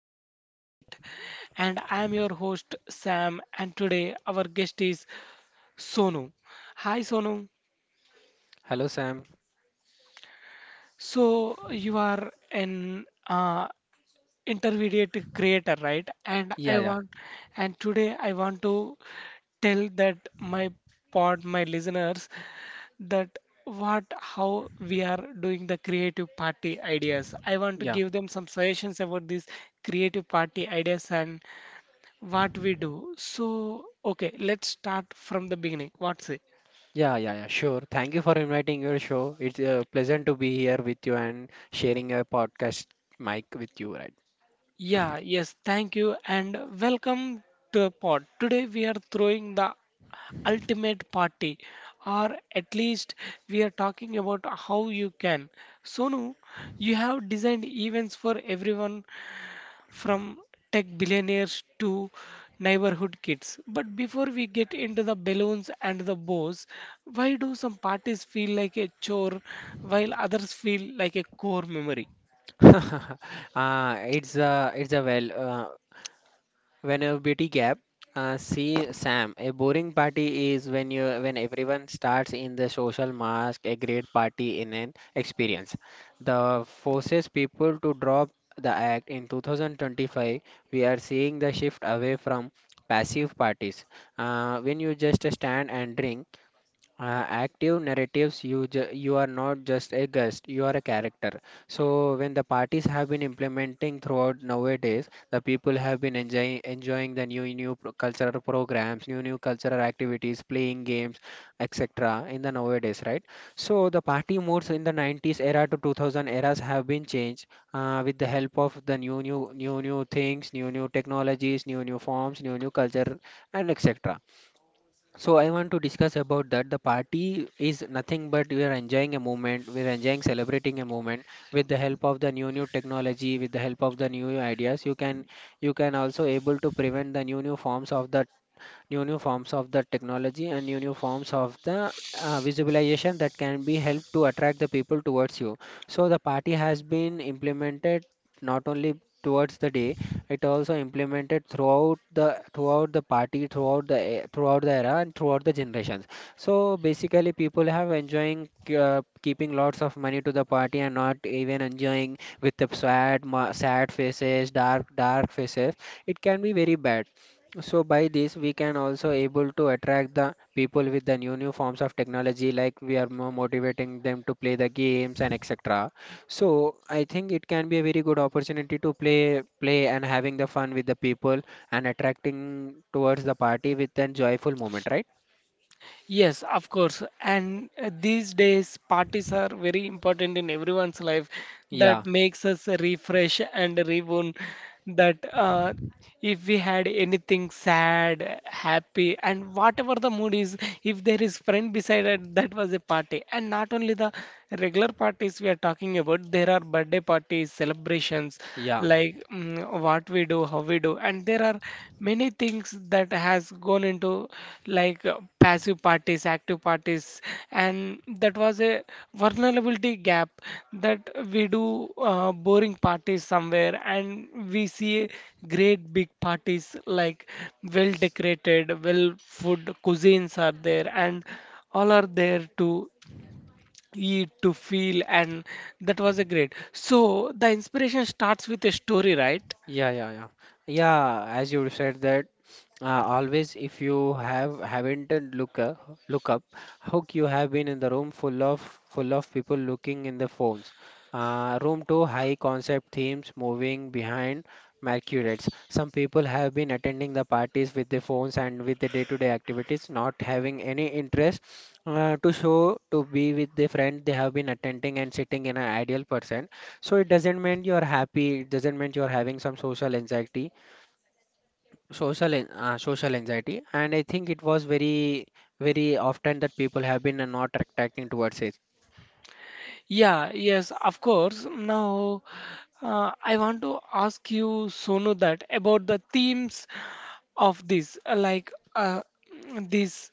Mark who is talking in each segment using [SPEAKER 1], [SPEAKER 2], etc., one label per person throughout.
[SPEAKER 1] of Insight. And I'm your host, Sam. And today, our guest is Sonu. Hi, Sonu.
[SPEAKER 2] Hello, Sam.
[SPEAKER 1] So, you are an intermediate creator, right?
[SPEAKER 2] Yeah, yeah.
[SPEAKER 1] And today, I want to tell that my listeners, that what how we are doing the creative party ideas. I want to
[SPEAKER 2] Yeah.
[SPEAKER 1] give them some suggestions about these creative party ideas and what we do. So okay, let's start from the beginning. What's it?
[SPEAKER 2] Yeah, yeah, yeah, sure. Thank you for inviting your show. It's pleasant to be here with you and sharing a podcast mic with you, right?
[SPEAKER 1] Yeah, yes, thank you and welcome to the pod. Today we are throwing the ultimate party, or at least we are talking about how you can. Sonu, you have designed events for everyone from tech billionaires to neighborhood kids. But before we get into the balloons and the bows, why do some parties feel like a chore while others feel like a core memory?
[SPEAKER 2] uh, it's uh, it's a well, uh, Vulnerability gap. See, Sam, a boring party is when everyone starts in the social mask. A great party in an experience. The forces people to drop the act in 2025. We are seeing the shift away from passive parties, when you just stand and drink, active narratives. You are not just a guest, you are a character. So when the parties have been implementing throughout nowadays, the people have been enjoying the new cultural programs, new cultural activities, playing games, etc. in the nowadays, right? So the party moods in the 90s era to 2000 eras have been changed with the help of the new things, new technologies, new forms, new culture, and etc. So I want to discuss about that. The party is nothing but we are enjoying a moment. We are enjoying celebrating a moment with the help of the new technology, with the help of the new ideas. You can also able to prevent the new forms of the new new forms of the technology, and new forms of the visualization that can be helped to attract the people towards you. So the party has been implemented not only towards the day, it also implemented throughout the party throughout the e- throughout the era and throughout the generations. So basically, people have enjoying, keeping lots of money to the party and not even enjoying with the sad faces, dark faces. It can be very bad. So by this, we can also able to attract the people with the new forms of technology, like we are more motivating them to play the games and etc. So I think it can be a very good opportunity to play and having the fun with the people and attracting towards the party with a joyful moment, right?
[SPEAKER 1] Yes, of course. And these days, parties are very important in everyone's life.
[SPEAKER 2] Yeah,
[SPEAKER 1] That makes us refresh and reborn. That if we had anything sad, happy, and whatever the mood is, if there is friend beside it, that was a party. And not only the regular parties we are talking about, there are birthday parties, celebrations,
[SPEAKER 2] yeah,
[SPEAKER 1] like mm, what we do, how we do, and there are many things that has gone into like passive parties, active parties, and that was a vulnerability gap, that we do boring parties somewhere and we see great big parties like well decorated, well food cuisines are there and all are there to eat to feel. And that was a great, so the inspiration starts with a story, right?
[SPEAKER 2] yeah, yeah, yeah. Yeah, as you said that. Always, if you have haven't look look up, how you have been in the room full of people looking in the phones. Room two, high concept themes moving behind mercurets. Some people have been attending the parties with their phones and with the day-to-day activities, not having any interest to show to be with the friend. They have been attending and sitting in an ideal person. So it doesn't mean you're happy. It doesn't mean you're having some social anxiety, social anxiety. And I think it was very, very often that people have been not attracting towards it.
[SPEAKER 1] Yeah, yes, of course. Now, I want to ask you, Sonu, that about the themes of this. Like this,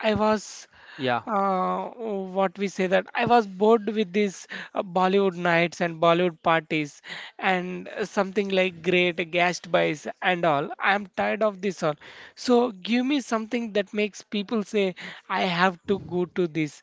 [SPEAKER 1] I was
[SPEAKER 2] yeah
[SPEAKER 1] what we say, that I was bored with these Bollywood nights and Bollywood parties and something like great gashed buys and all. I am tired of this all. So give me something that makes people say I have to go to this.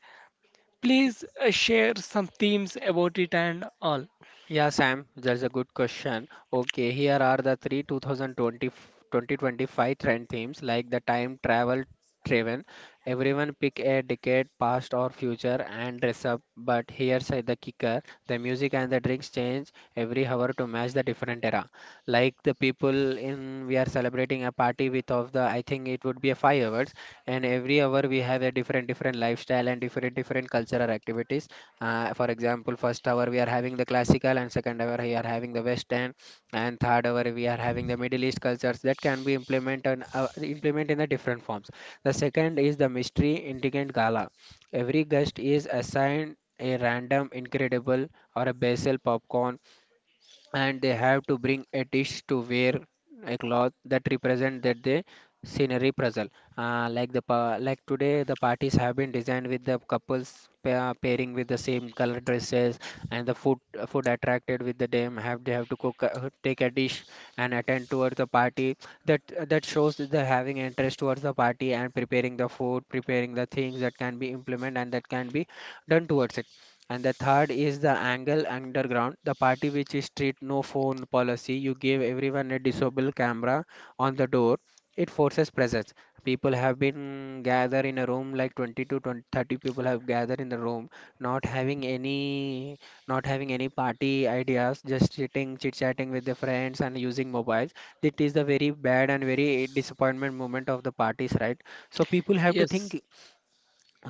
[SPEAKER 1] Please share some themes about it and all.
[SPEAKER 2] Yeah, Sam, that's a good question. Okay, here are the three 2020, 2025 trend themes, like the time travel driven. Everyone pick a decade, past or future, and dress up. But here's the kicker, the music and the drinks change every hour to match the different era. Like the people in, we are celebrating a party with of the, I think it would be a 5 hours, and every hour we have a different, different lifestyle and different, different cultural activities. For example, first hour we are having the classical, and second hour we are having the Western, and third hour we are having the Middle East cultures that can be implemented, implement in the different forms. The second is the mystery intricate gala. Every guest is assigned a random, incredible, or a basil popcorn, and they have to bring a dish, to wear a cloth that represent that the scenery puzzle. Like today the parties have been designed with the couples pairing with the same color dresses, and the food attracted with the them. Have they have to cook, take a dish and attend towards the party. That that shows that they're having interest towards the party and preparing the food, preparing the things that can be implemented and that can be done towards it. And the third is the angle underground, the party which is strict no phone policy. You give everyone a disable camera on the door. It forces presence. People have been gathered in a room like 20 to 20, 30 people have gathered in the room, not having any, not having any party ideas, just sitting, chit chatting with their friends and using mobiles. It is the very bad and very disappointment moment of the parties, right? So people have to
[SPEAKER 1] Yes.
[SPEAKER 2] think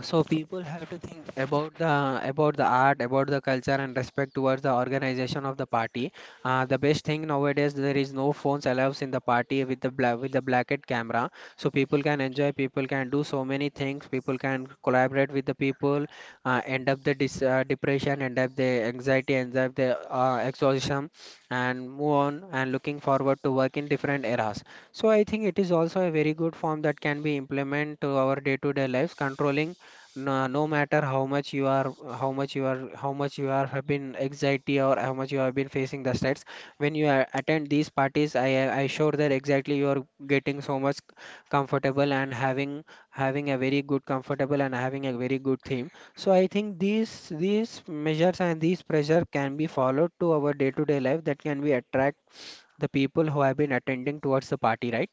[SPEAKER 2] so people have to think about the, about the art, about the culture, and respect towards the organization of the party. The best thing nowadays, there is no phones allows in the party with the with the blacked camera. So people can enjoy, people can do so many things, people can collaborate with the people, end up the depression, end up the anxiety, end up the exhaustion, and move on, and looking forward to work in different eras. So I think it is also a very good form that can be implemented to our day to day lives, controlling, no, no matter how much you are, how much you are have been anxiety, or how much you have been facing the stress. When you attend these parties, I sure that exactly you are getting so much comfortable and having, having a very good comfortable and having a very good theme. So I think these measures and these pressure can be followed to our day to day life, that can be attract the people who have been attending towards the party, right?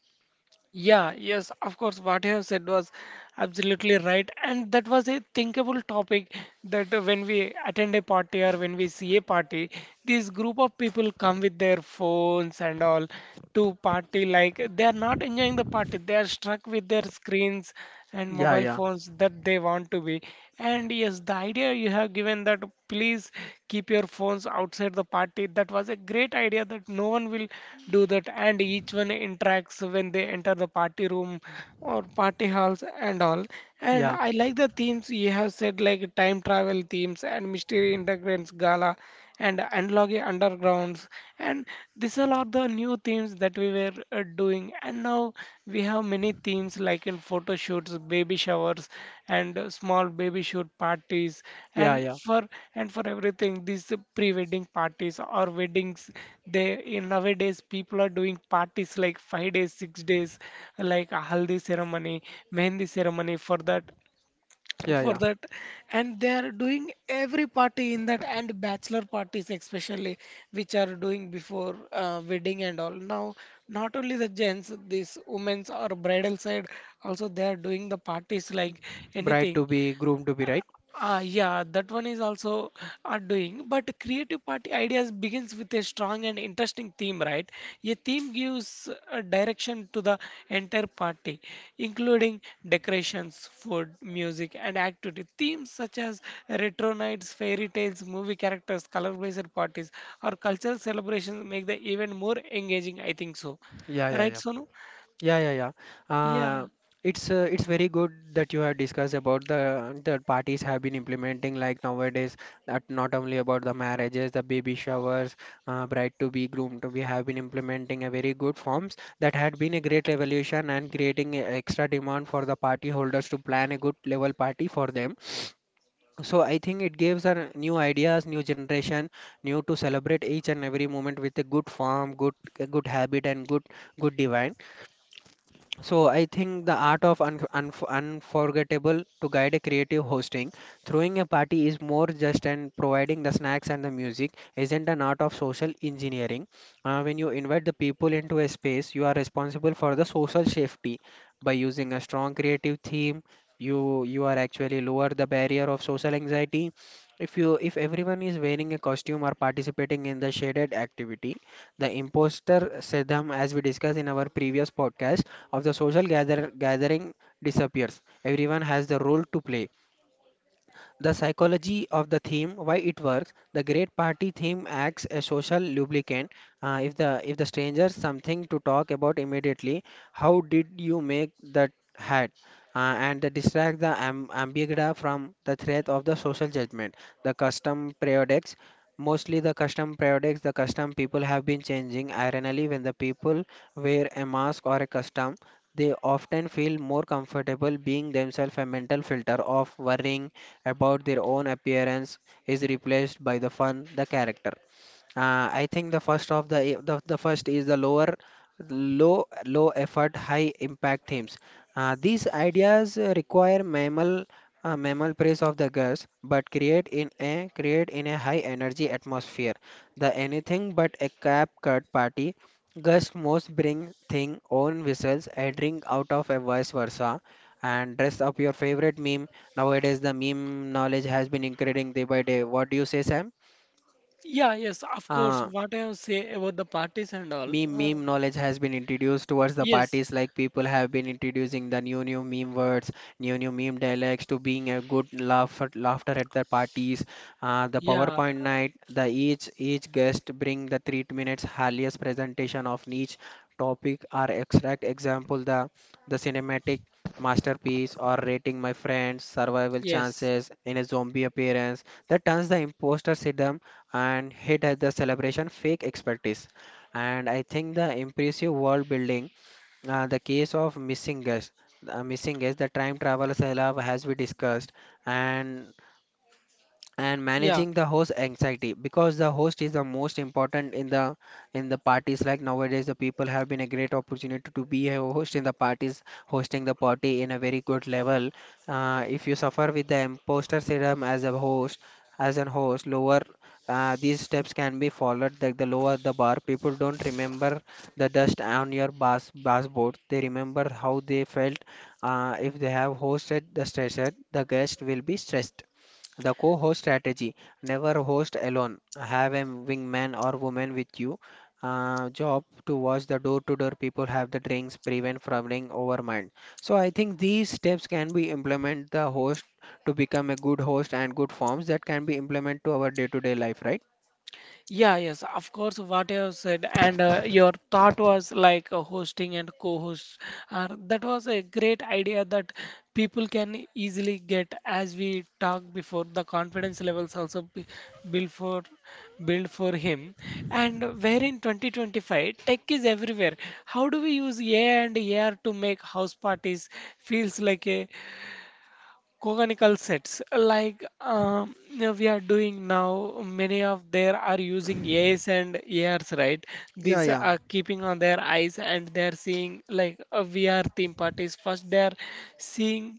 [SPEAKER 1] Yeah, yes, of course. What you have said was absolutely right. And that was a thinkable topic that when we attend a party or when we see a party, this group of people come with their phones and all to party. Like they are not enjoying the party, they are struck with their screens and
[SPEAKER 2] yeah
[SPEAKER 1] mobile
[SPEAKER 2] yeah
[SPEAKER 1] phones that they want to be. And yes, the idea you have given that please keep your phones outside the party, that was a great idea that no one will do that, and each one interacts when they enter the party room or party halls and all. And
[SPEAKER 2] yeah
[SPEAKER 1] I like the themes you have said, like time travel themes and mystery integrants gala and analog undergrounds, and these all are the new themes that we were doing. And now we have many themes like in photo shoots, baby showers, and small baby shoot parties,
[SPEAKER 2] yeah
[SPEAKER 1] and
[SPEAKER 2] yeah
[SPEAKER 1] for and for everything these pre-wedding parties or weddings. They in nowadays people are doing parties like 5 days 6 days, like a haldi ceremony, mehendi ceremony. for that
[SPEAKER 2] yeah
[SPEAKER 1] for
[SPEAKER 2] yeah
[SPEAKER 1] that and they are doing every party in that. And bachelor parties especially, which are doing before wedding and all. Now not only the gents, these women's or bridal side, also they are doing the parties like
[SPEAKER 2] Bride
[SPEAKER 1] anything.
[SPEAKER 2] to be, groom to be, right?
[SPEAKER 1] Ah, yeah, that one is also are doing. But creative party ideas begins with a strong and interesting theme, right? A theme gives a direction to the entire party, including decorations, food, music, and activity. Themes such as retro nights, fairy tales, movie characters, color-based parties, or cultural celebrations make the event more engaging. I think so,
[SPEAKER 2] Yeah, yeah,
[SPEAKER 1] right,
[SPEAKER 2] yeah,
[SPEAKER 1] Sonu?
[SPEAKER 2] yeah, yeah, yeah.
[SPEAKER 1] Yeah,
[SPEAKER 2] Uh, it's it's very good that you have discussed about the parties have been implementing like nowadays, that not only about the marriages, the baby showers, bride to be groomed. We have been implementing a very good forms that had been a great revolution, and creating a extra demand for the party holders to plan a good level party for them. So I think it gives a new ideas, new generation, new to celebrate each and every moment with a good form, good, a good habit, and good, good divine. So I think the art of unforgettable to guide a creative hosting, throwing a party is more just and providing the snacks and the music isn't an art of social engineering. When you invite the people into a space, you are responsible for the social safety by using a strong creative theme. You are actually lower the barrier of social anxiety. If you, if everyone is wearing a costume or participating in the shaded activity, the imposter syndrome, as we discussed in our previous podcast, of the gathering disappears. Everyone has the role to play. The psychology of the theme, why it works. The great party theme acts as social lubricant. If the, if the stranger something to talk about immediately, how did you make that hat? And they distract the ambiguity from the threat of the social judgment. The custom products, mostly the custom products, the custom people have been changing. Ironically, when the people wear a mask or a custom, they often feel more comfortable being themselves, a mental filter of worrying about their own appearance is replaced by the fun, the character. I think the first of The first is the low effort high impact themes. These ideas require minimal mammal praise of the grass, but create in a high energy atmosphere. The anything but a cap cut party. Gus most bring thing own whistles, a drink out of a vice versa, and dress up your favorite meme. Nowadays the meme knowledge has been increasing day by day. What do you say, Sam?
[SPEAKER 1] yeah, yes, of course.
[SPEAKER 2] Uh,
[SPEAKER 1] What I have say about the parties and all.
[SPEAKER 2] meme meme knowledge has been introduced towards the
[SPEAKER 1] Yes.
[SPEAKER 2] parties like people have been introducing the new meme words, new meme dialects to being a good laugh, laughter at the parties. The
[SPEAKER 1] Yeah.
[SPEAKER 2] powerpoint night, the each guest bring the 3 minutes highest presentation of each topic or extract, example the cinematic masterpiece or rating my friends survival
[SPEAKER 1] Yes.
[SPEAKER 2] chances in a zombie appearance that turns the imposter syndrome and hit at the celebration fake expertise. And I think the impressive world building, the case of missing guest, the time travel salab as we discussed, and
[SPEAKER 1] Yeah.
[SPEAKER 2] managing the host anxiety because the host is the most important in the parties. Like nowadays the people have been a great opportunity to be a host in the parties, hosting the party in a very good level. If you suffer with the imposter syndrome as a host, as an host lower, these steps can be followed like the lower the bar, people don't remember the dust on your bus, they remember how they felt. If they have hosted the stressed, the guest will be stressed. The co host strategy, never host alone. Have a wingman or woman with you. Job to watch the door to door, people have the drinks, prevent from running over mind. So I think these steps can be implement the host to become a good host and good forms that can be implemented to our day to day life, right?
[SPEAKER 1] Yeah, yes, of course, what you have said, and your thought was like hosting and co-host. That was a great idea that people can easily get, as we talked before. The confidence levels also be built for build for him. And where in 2025, tech is everywhere. How do we use AI and AR to make house parties feels like a conical sets, like we are doing now? Many of there are using AIs and ARs, right?
[SPEAKER 2] Yeah,
[SPEAKER 1] These
[SPEAKER 2] yeah.
[SPEAKER 1] are keeping on their eyes and they are seeing like a VR theme parties. First they are seeing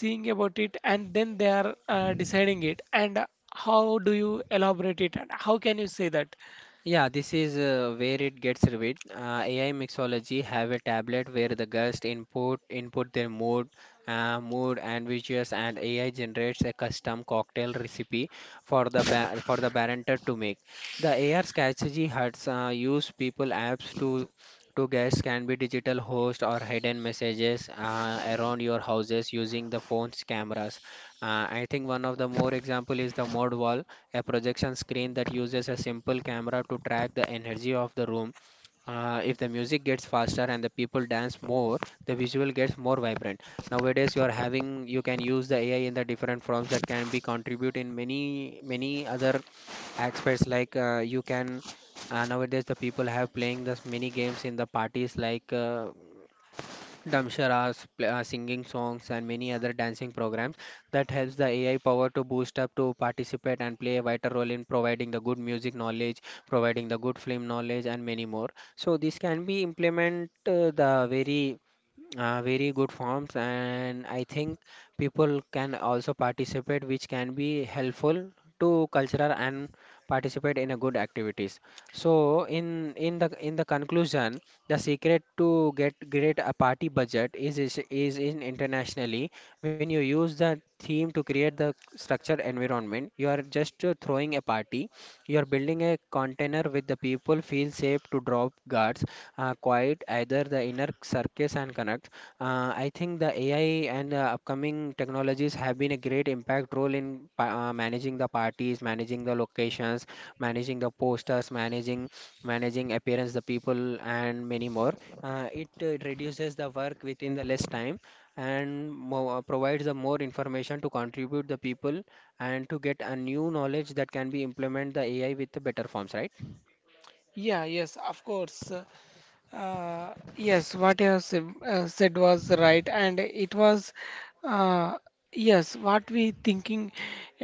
[SPEAKER 1] seeing about it, and then they are deciding it. And how do you elaborate it and how can you say that?
[SPEAKER 2] Yeah, this is where it gets revealed. AI mixology have a tablet where the guest input their mood, mood and visuals, and AI generates a custom cocktail recipe for the ba for the bartender to make. The AR strategy has used people apps to guests can be digital host or hidden messages around your houses using the phone's cameras. I think one of the more example is the mod wall, a projection screen that uses a simple camera to track the energy of the room. If the music gets faster and the people dance more, the visual gets more vibrant. Nowadays, you are having, you can use the AI in the different forms that can be contribute in many many other aspects. Like you can nowadays the people have playing this many games in the parties like. Damsharas, singing songs, and many other dancing programs that helps the AI power to boost up to participate and play a vital role in providing the good music knowledge, providing the good film knowledge, and many more. So this can be implement the very very good forms and I think people can also participate which can be helpful to cultural and participate in a good activities. So in the conclusion, the secret to get great a party budget is in internationally when you use the theme to create the structured environment, you are just throwing a party, you are building a container with the people feel safe to drop guards, quiet either the inner circus and connect. I think the AI and upcoming technologies have been a great impact role in managing the parties, managing the locations, managing the posters, managing appearance, the people, and many more. It reduces the work within the less time and provides the more information to contribute the people and to get a new knowledge that can be implement the AI with the better forms, right?
[SPEAKER 1] Yeah, yes, of course. Yes, what you have said was right, and it was, uh, yes, what we thinking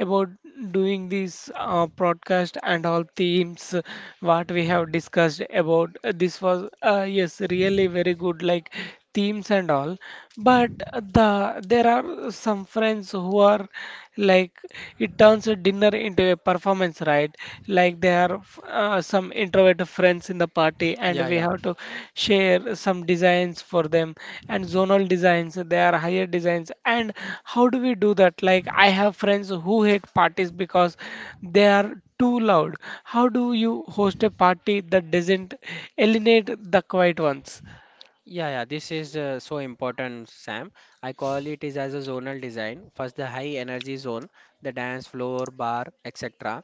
[SPEAKER 1] about doing this broadcast and all themes, what we have discussed about this was, yes, really very good, like themes and all. But there are some friends who are like it turns a dinner into a performance, right? Right? Like there are some introvert friends in the party, and
[SPEAKER 2] Yeah,
[SPEAKER 1] we
[SPEAKER 2] yeah.
[SPEAKER 1] have to share some designs for them. And zonal designs, they are higher designs. And how do we do that? Like I have friends who hate parties because they are too loud. How do you host a party that doesn't eliminate the quiet ones?
[SPEAKER 2] Yeah, yeah, this is so important, Sam. I call it is as a zonal design. First, the high energy zone, the dance floor, bar, etc.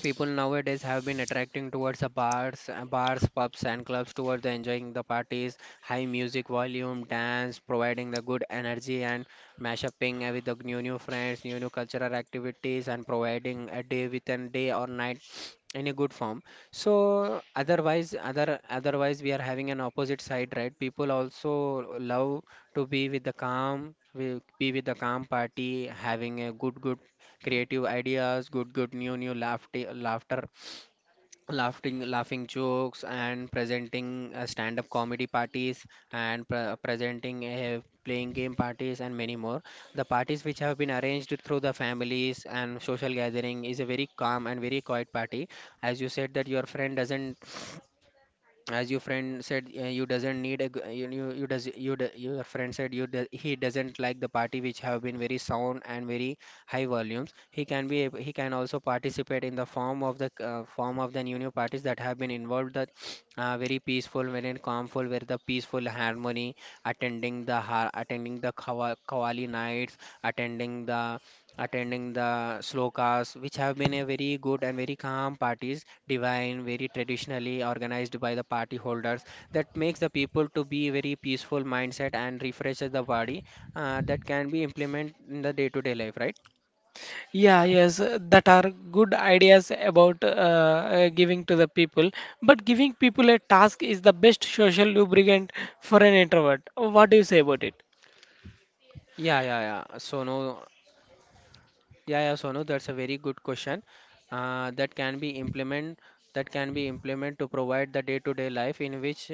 [SPEAKER 2] People nowadays have been attracting towards the bars, bars, pubs, and clubs towards the enjoying the parties, high music volume, dance, providing the good energy and mashuping with the new friends, new cultural activities, and providing a day with a day or night in a good form. So otherwise, otherwise we are having an opposite side, right? People also love to be with the calm, will be with the calm party, having a good good creative ideas, good, good new, new laughter, laughter, laughing, laughing jokes, and presenting stand-up comedy parties and presenting playing game parties and many more. The parties which have been arranged through the families and social gathering is a very calm and very quiet party. As you said that your friend doesn't, as your friend said, you doesn't need a your friend said you do, he doesn't like the party which have been very sound and very high volumes, he can be he can also participate in the form of the form of the new parties that have been involved, that very peaceful, very calmful, where the peaceful harmony, attending the attending the kawali nights, attending the attending the slokas, which have been a very good and very calm parties, divine, very traditionally organized by the party holders. That makes the people to be very peaceful mindset and refreshes the body. That can be implemented in the day-to-day life, right?
[SPEAKER 1] Yeah, yes, that are good ideas about giving to the people. But giving people a task is the best social lubricant for an introvert. What do you say about it?
[SPEAKER 2] Yeah, yeah, yeah. So no. Yeah, yeah, Sonu, that's a very good question. That can be implement, that can be implement to provide the day-to-day life in which,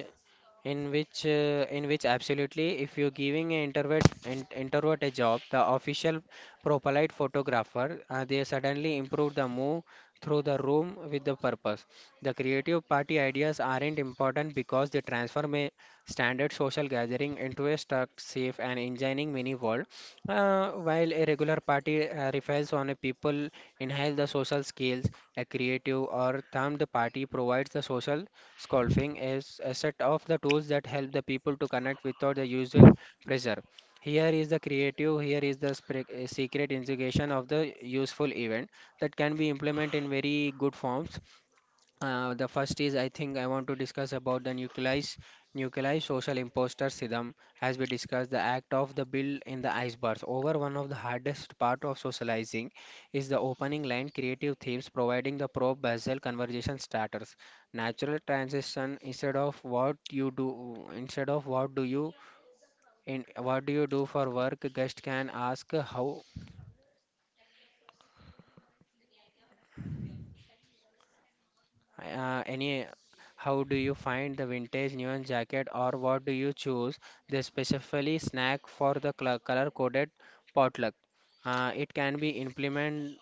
[SPEAKER 2] in which absolutely, if you're giving an introvert introvert a job, the official propelite photographer, they suddenly improve the move through the room with the purpose. The creative party ideas aren't important because they transform a standard social gathering into a stuck safe and engineering mini world. While a regular party refers on a people enhance the social skills, a creative or themed party provides the social scaffolding as a set of the tools that help the people to connect without the usual pressure. Here is the creative, here is the secret integration of the useful event that can be implemented in very good forms. The first is, I think I want to discuss about the nucleus social imposter syndrome. As we discussed, the act of the build in the icebergs. Over one of the hardest part of socializing is the opening line. Creative themes providing the pro basal conversation starters. Natural transition, instead of what you do, instead of what do you do for work, guest can ask how. Uh, any, how do you find the vintage neon jacket or what do you choose? They specifically snack for the color coded potluck. Uh, it can be implement.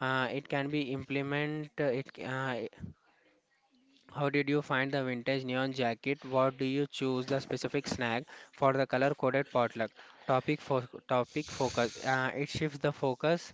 [SPEAKER 2] It can be implement. It. How did you find the vintage neon jacket? What do you choose the specific snack for the color coded potluck? Topic for Topic focus. Uh, it shifts the focus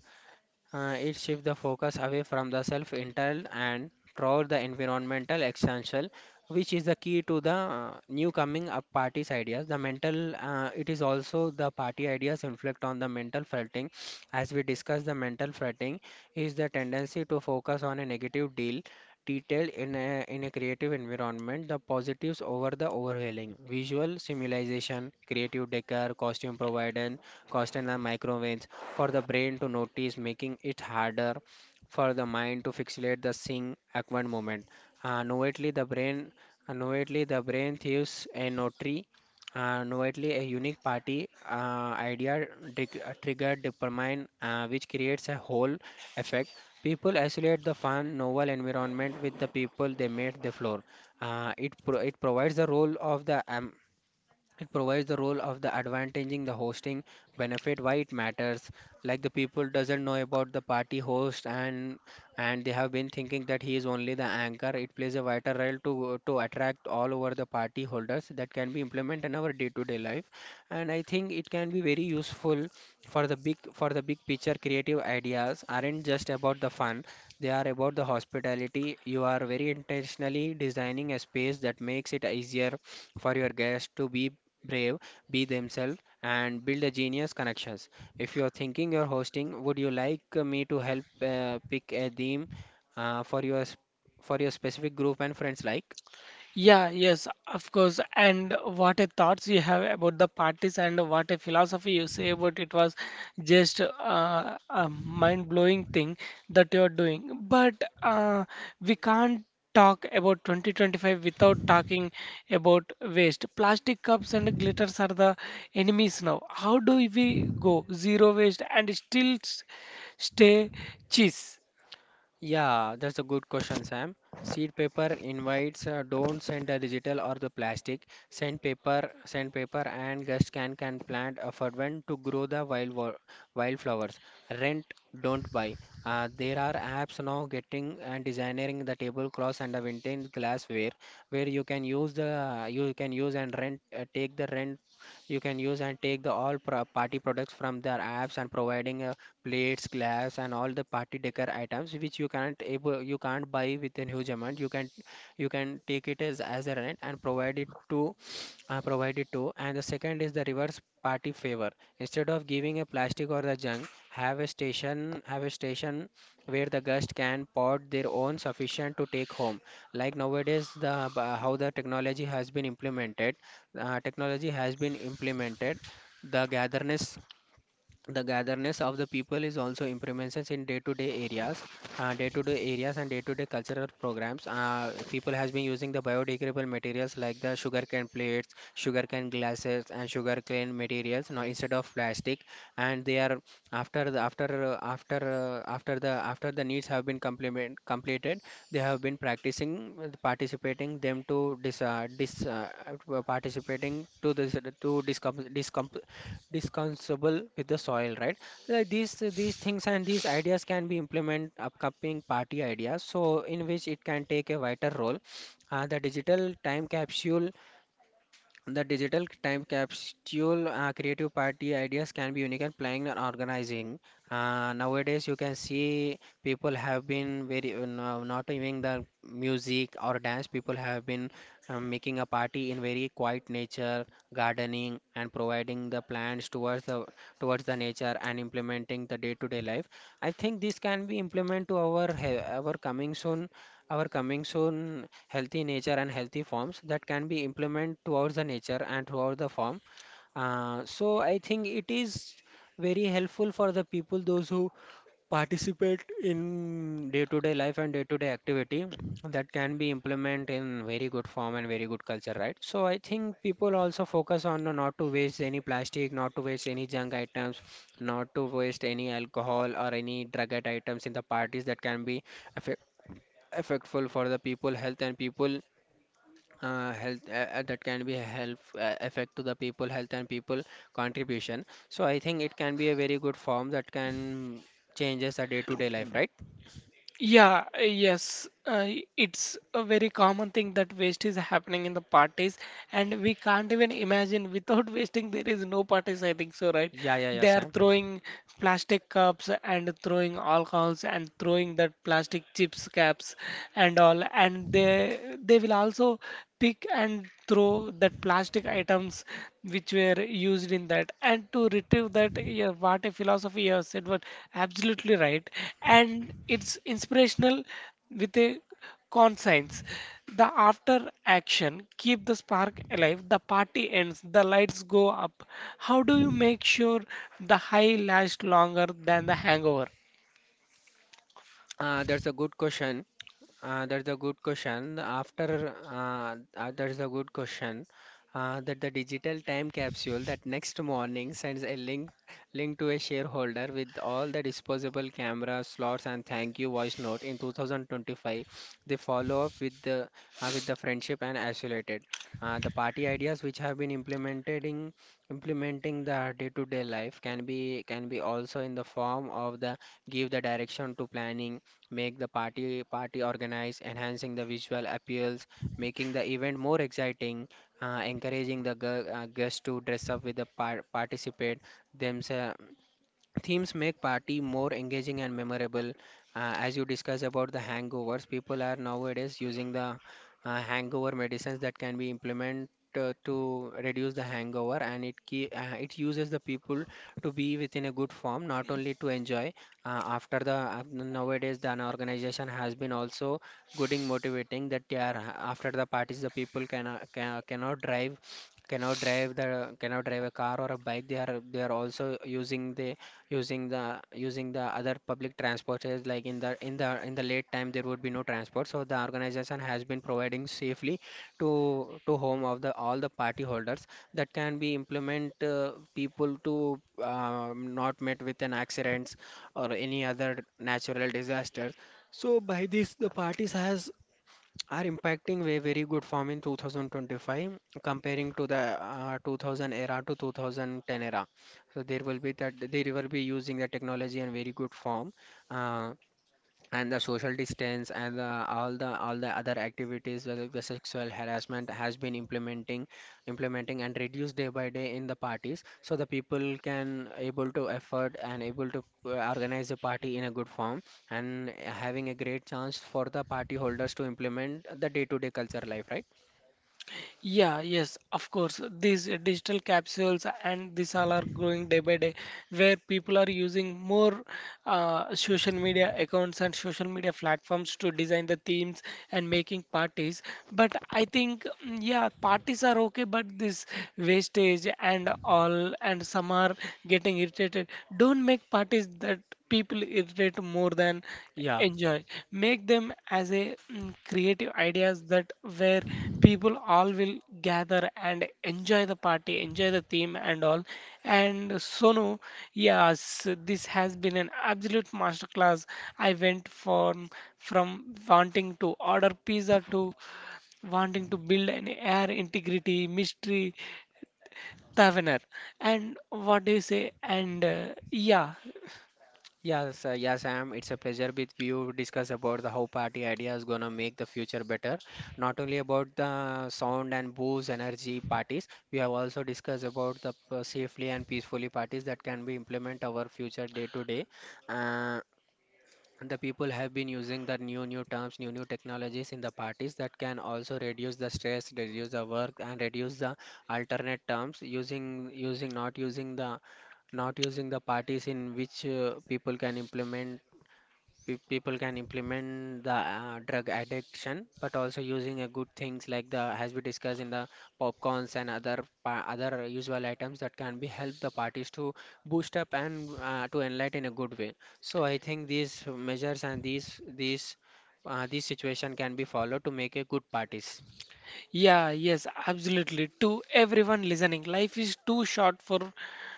[SPEAKER 2] uh, It shifts the focus away from the self entitled and toward the environmental essential, which is the key to the new coming up party's ideas. The mental, it is also the party ideas inflict on the mental fretting. As we discussed, the mental fretting is the tendency to focus on a negative deal detail in in a creative environment, the positives over the overwhelming. Visual simulation, creative decor, costume provided, cost and the microwaves for the brain to notice, making it harder for the mind to fixate the sing acquired moment. Uh, novately, the brain novately the brain thieves a notary, novately a unique party idea trigger dopamine, which creates a whole effect. People isolate the fun novel environment with the people they made the floor. It provides the role of the am it provides the role of the advantaging the hosting benefit, why it matters. Like the people doesn't know about the party host and they have been thinking that he is only the anchor. It plays a vital role to attract all over the party holders that can be implemented in our day-to-day life. And I think it can be very useful for the big picture. Creative ideas aren't just about the fun; they are about the hospitality. You are very intentionally designing a space that makes it easier for your guests to be brave, be themselves, and build a genius connections. If you're thinking you're hosting, would you like me to help pick a theme uh, for your s- for your specific group and friends like?
[SPEAKER 1] Yeah, yes, of course. And what a thoughts you have about the parties and what a philosophy you say about it was just a mind-blowing thing that you are doing. But uh, we can't talk about 2025 without talking about waste. Plastic cups and glitters are the enemies now. How do we go zero waste and still stay cheese?
[SPEAKER 2] Yeah, that's a good question, Sam. Seed paper invites, don't send the digital or the plastic. Send paper, and guest can plant a fervent to grow the wildflowers. Rent, don't buy. There are apps now getting and designing the tablecloths and the vintage glassware where you can use the, you can use and rent, take the rent, you can use and take the party products from their apps and providing a plates, glass, and all the party decor items which you can't able you can't buy with a huge amount. You can, you can take it as a rent and provide it to, And the second is the reverse party favor. Instead of giving a plastic or the junk, have a station, have a station where the guests can pot their own sufficient to take home. Like nowadays, the how the technology has been implemented. Technology has been implemented, the gatherness the gatherness of the people is also improvements in day-to-day areas, day-to-day areas and day-to-day cultural programs. People has been using the biodegradable materials like the sugarcane plates, sugarcane glasses, and sugarcane materials now instead of plastic, and they are after the after uh, after after the after the needs have been complement completed, they have been practicing participating them to dis, dis participating to this, to discom- discom- discussable with the soil, right? Like these things and these ideas can be implement upcoming party ideas, so in which it can take a vital role. The digital time capsule the digital time capsule, creative party ideas can be unique and planning and organizing. Nowadays, you can see people have been very not even the music or dance. People have been making a party in very quiet nature, gardening, and providing the plans towards the nature and implementing the day-to-day life. I think this can be implemented to our coming soon healthy nature and healthy forms that can be implemented towards the nature and towards the form. So I think it is very helpful for the people those who participate in day-to-day life and day-to-day activity, that can be implemented in very good form and very good culture, right? So I think people also focus on not to waste any plastic, not to waste any junk items, not to waste any alcohol or any drug items in the parties, that can be affect, affectful for the people health and people health, that can be help effect to the people health and people contribution. So I think it can be a very good form that can changes a day to day life, right?
[SPEAKER 1] Yeah, yes, it's a very common thing that waste is happening in the parties, and we can't even imagine without wasting there is no parties, I think so, right?
[SPEAKER 2] Yeah,
[SPEAKER 1] They are
[SPEAKER 2] Sam.
[SPEAKER 1] throwing plastic cups and throwing alcohols and throwing that plastic chips caps and all, and they will also pick and throw that plastic items which were used in that. And to retrieve that, yeah, what a philosophy you have said was absolutely right. And it's inspirational with a conscience. The after action, keep the spark alive, the party ends, the lights go up. How do you make sure the high lasts longer than the hangover?
[SPEAKER 2] That's a good question. That's a good question. After that's a good question. That the digital time capsule that next morning sends a link to a shareholder with all the disposable camera slots and thank you voice note in 2025. They follow up with the friendship and isolated. The party ideas which have been implemented in implementing the day-to-day life can be also in the form of the give the direction to planning, make the party organized, enhancing the visual appeals, making the event more exciting, encouraging the guests to dress up with participate themselves. Themes make party more engaging and memorable. As you discuss about the hangovers, people are nowadays using the hangover medicines that can be implemented to reduce the hangover, and it uses the people to be within a good form, not only to enjoy. After the Nowadays, the an organization has been also gooding motivating that they are after the parties, the people cannot can, cannot drive cannot drive the cannot drive a car or a bike. They are also using the other public transport, is like in the late time there would be no transport, so the organization has been providing safely to home of the all the party holders, that can be implement people to not met with an accidents or any other natural disasters. So by this the parties has are impacting way very good form in 2025 comparing to the 2000 era to 2010 era. So there will be that they will be using the technology in very good form. Uh, and the social distance and the, all the other activities, whether the sexual harassment has been implementing and reduced day by day in the parties, so the people can able to afford and able to organize a party in a good form, and having a great chance for the party holders to implement the day to day culture life, right?
[SPEAKER 1] Yeah, yes, of course. These digital capsules and this all are growing day by day, where people are using more social media accounts and social media platforms to design the themes and making parties. But I think, mm, yeah, parties are okay, but this wastage and all, and some are getting irritated. Don't make parties that people irritate more than
[SPEAKER 2] Yeah.
[SPEAKER 1] enjoy. Make them as a mm, creative ideas that where people all will gather and enjoy the party, enjoy the theme and all. And Sonu, yes, this has been an absolute masterclass. I went from wanting to order pizza to wanting to build an air integrity mystery taverner. And what do you say? And yeah.
[SPEAKER 2] Yes, yes, Sam. It's a pleasure with you discuss about the how party idea is gonna make the future better. Not only about the sound and booze energy parties, we have also discussed about the safely and peacefully parties that can be implement our future day to day. Uh, The people have been using the new terms, new technologies in the parties that can also reduce the stress, reduce the work, and reduce the alternate terms using, not using the parties in which people can implement, people can implement the drug addiction, but also using a good things like the as we discussed in the popcorns and other other usual items that can be help the parties to boost up and to enlighten in a good way. So I think these measures and these situation can be followed to make a good parties.
[SPEAKER 1] Yeah, yes, absolutely. To everyone listening, life is too short for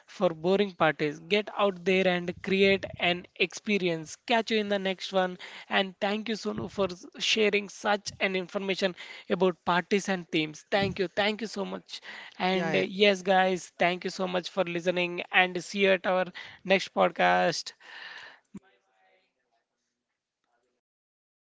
[SPEAKER 1] boring parties. Get out there and create an experience. Catch you in the next one. And thank you, Sonu, for sharing such an information about parties and themes. Thank you so much. And
[SPEAKER 2] Yeah,
[SPEAKER 1] yes, guys, thank you so much for listening. And see you at our next podcast.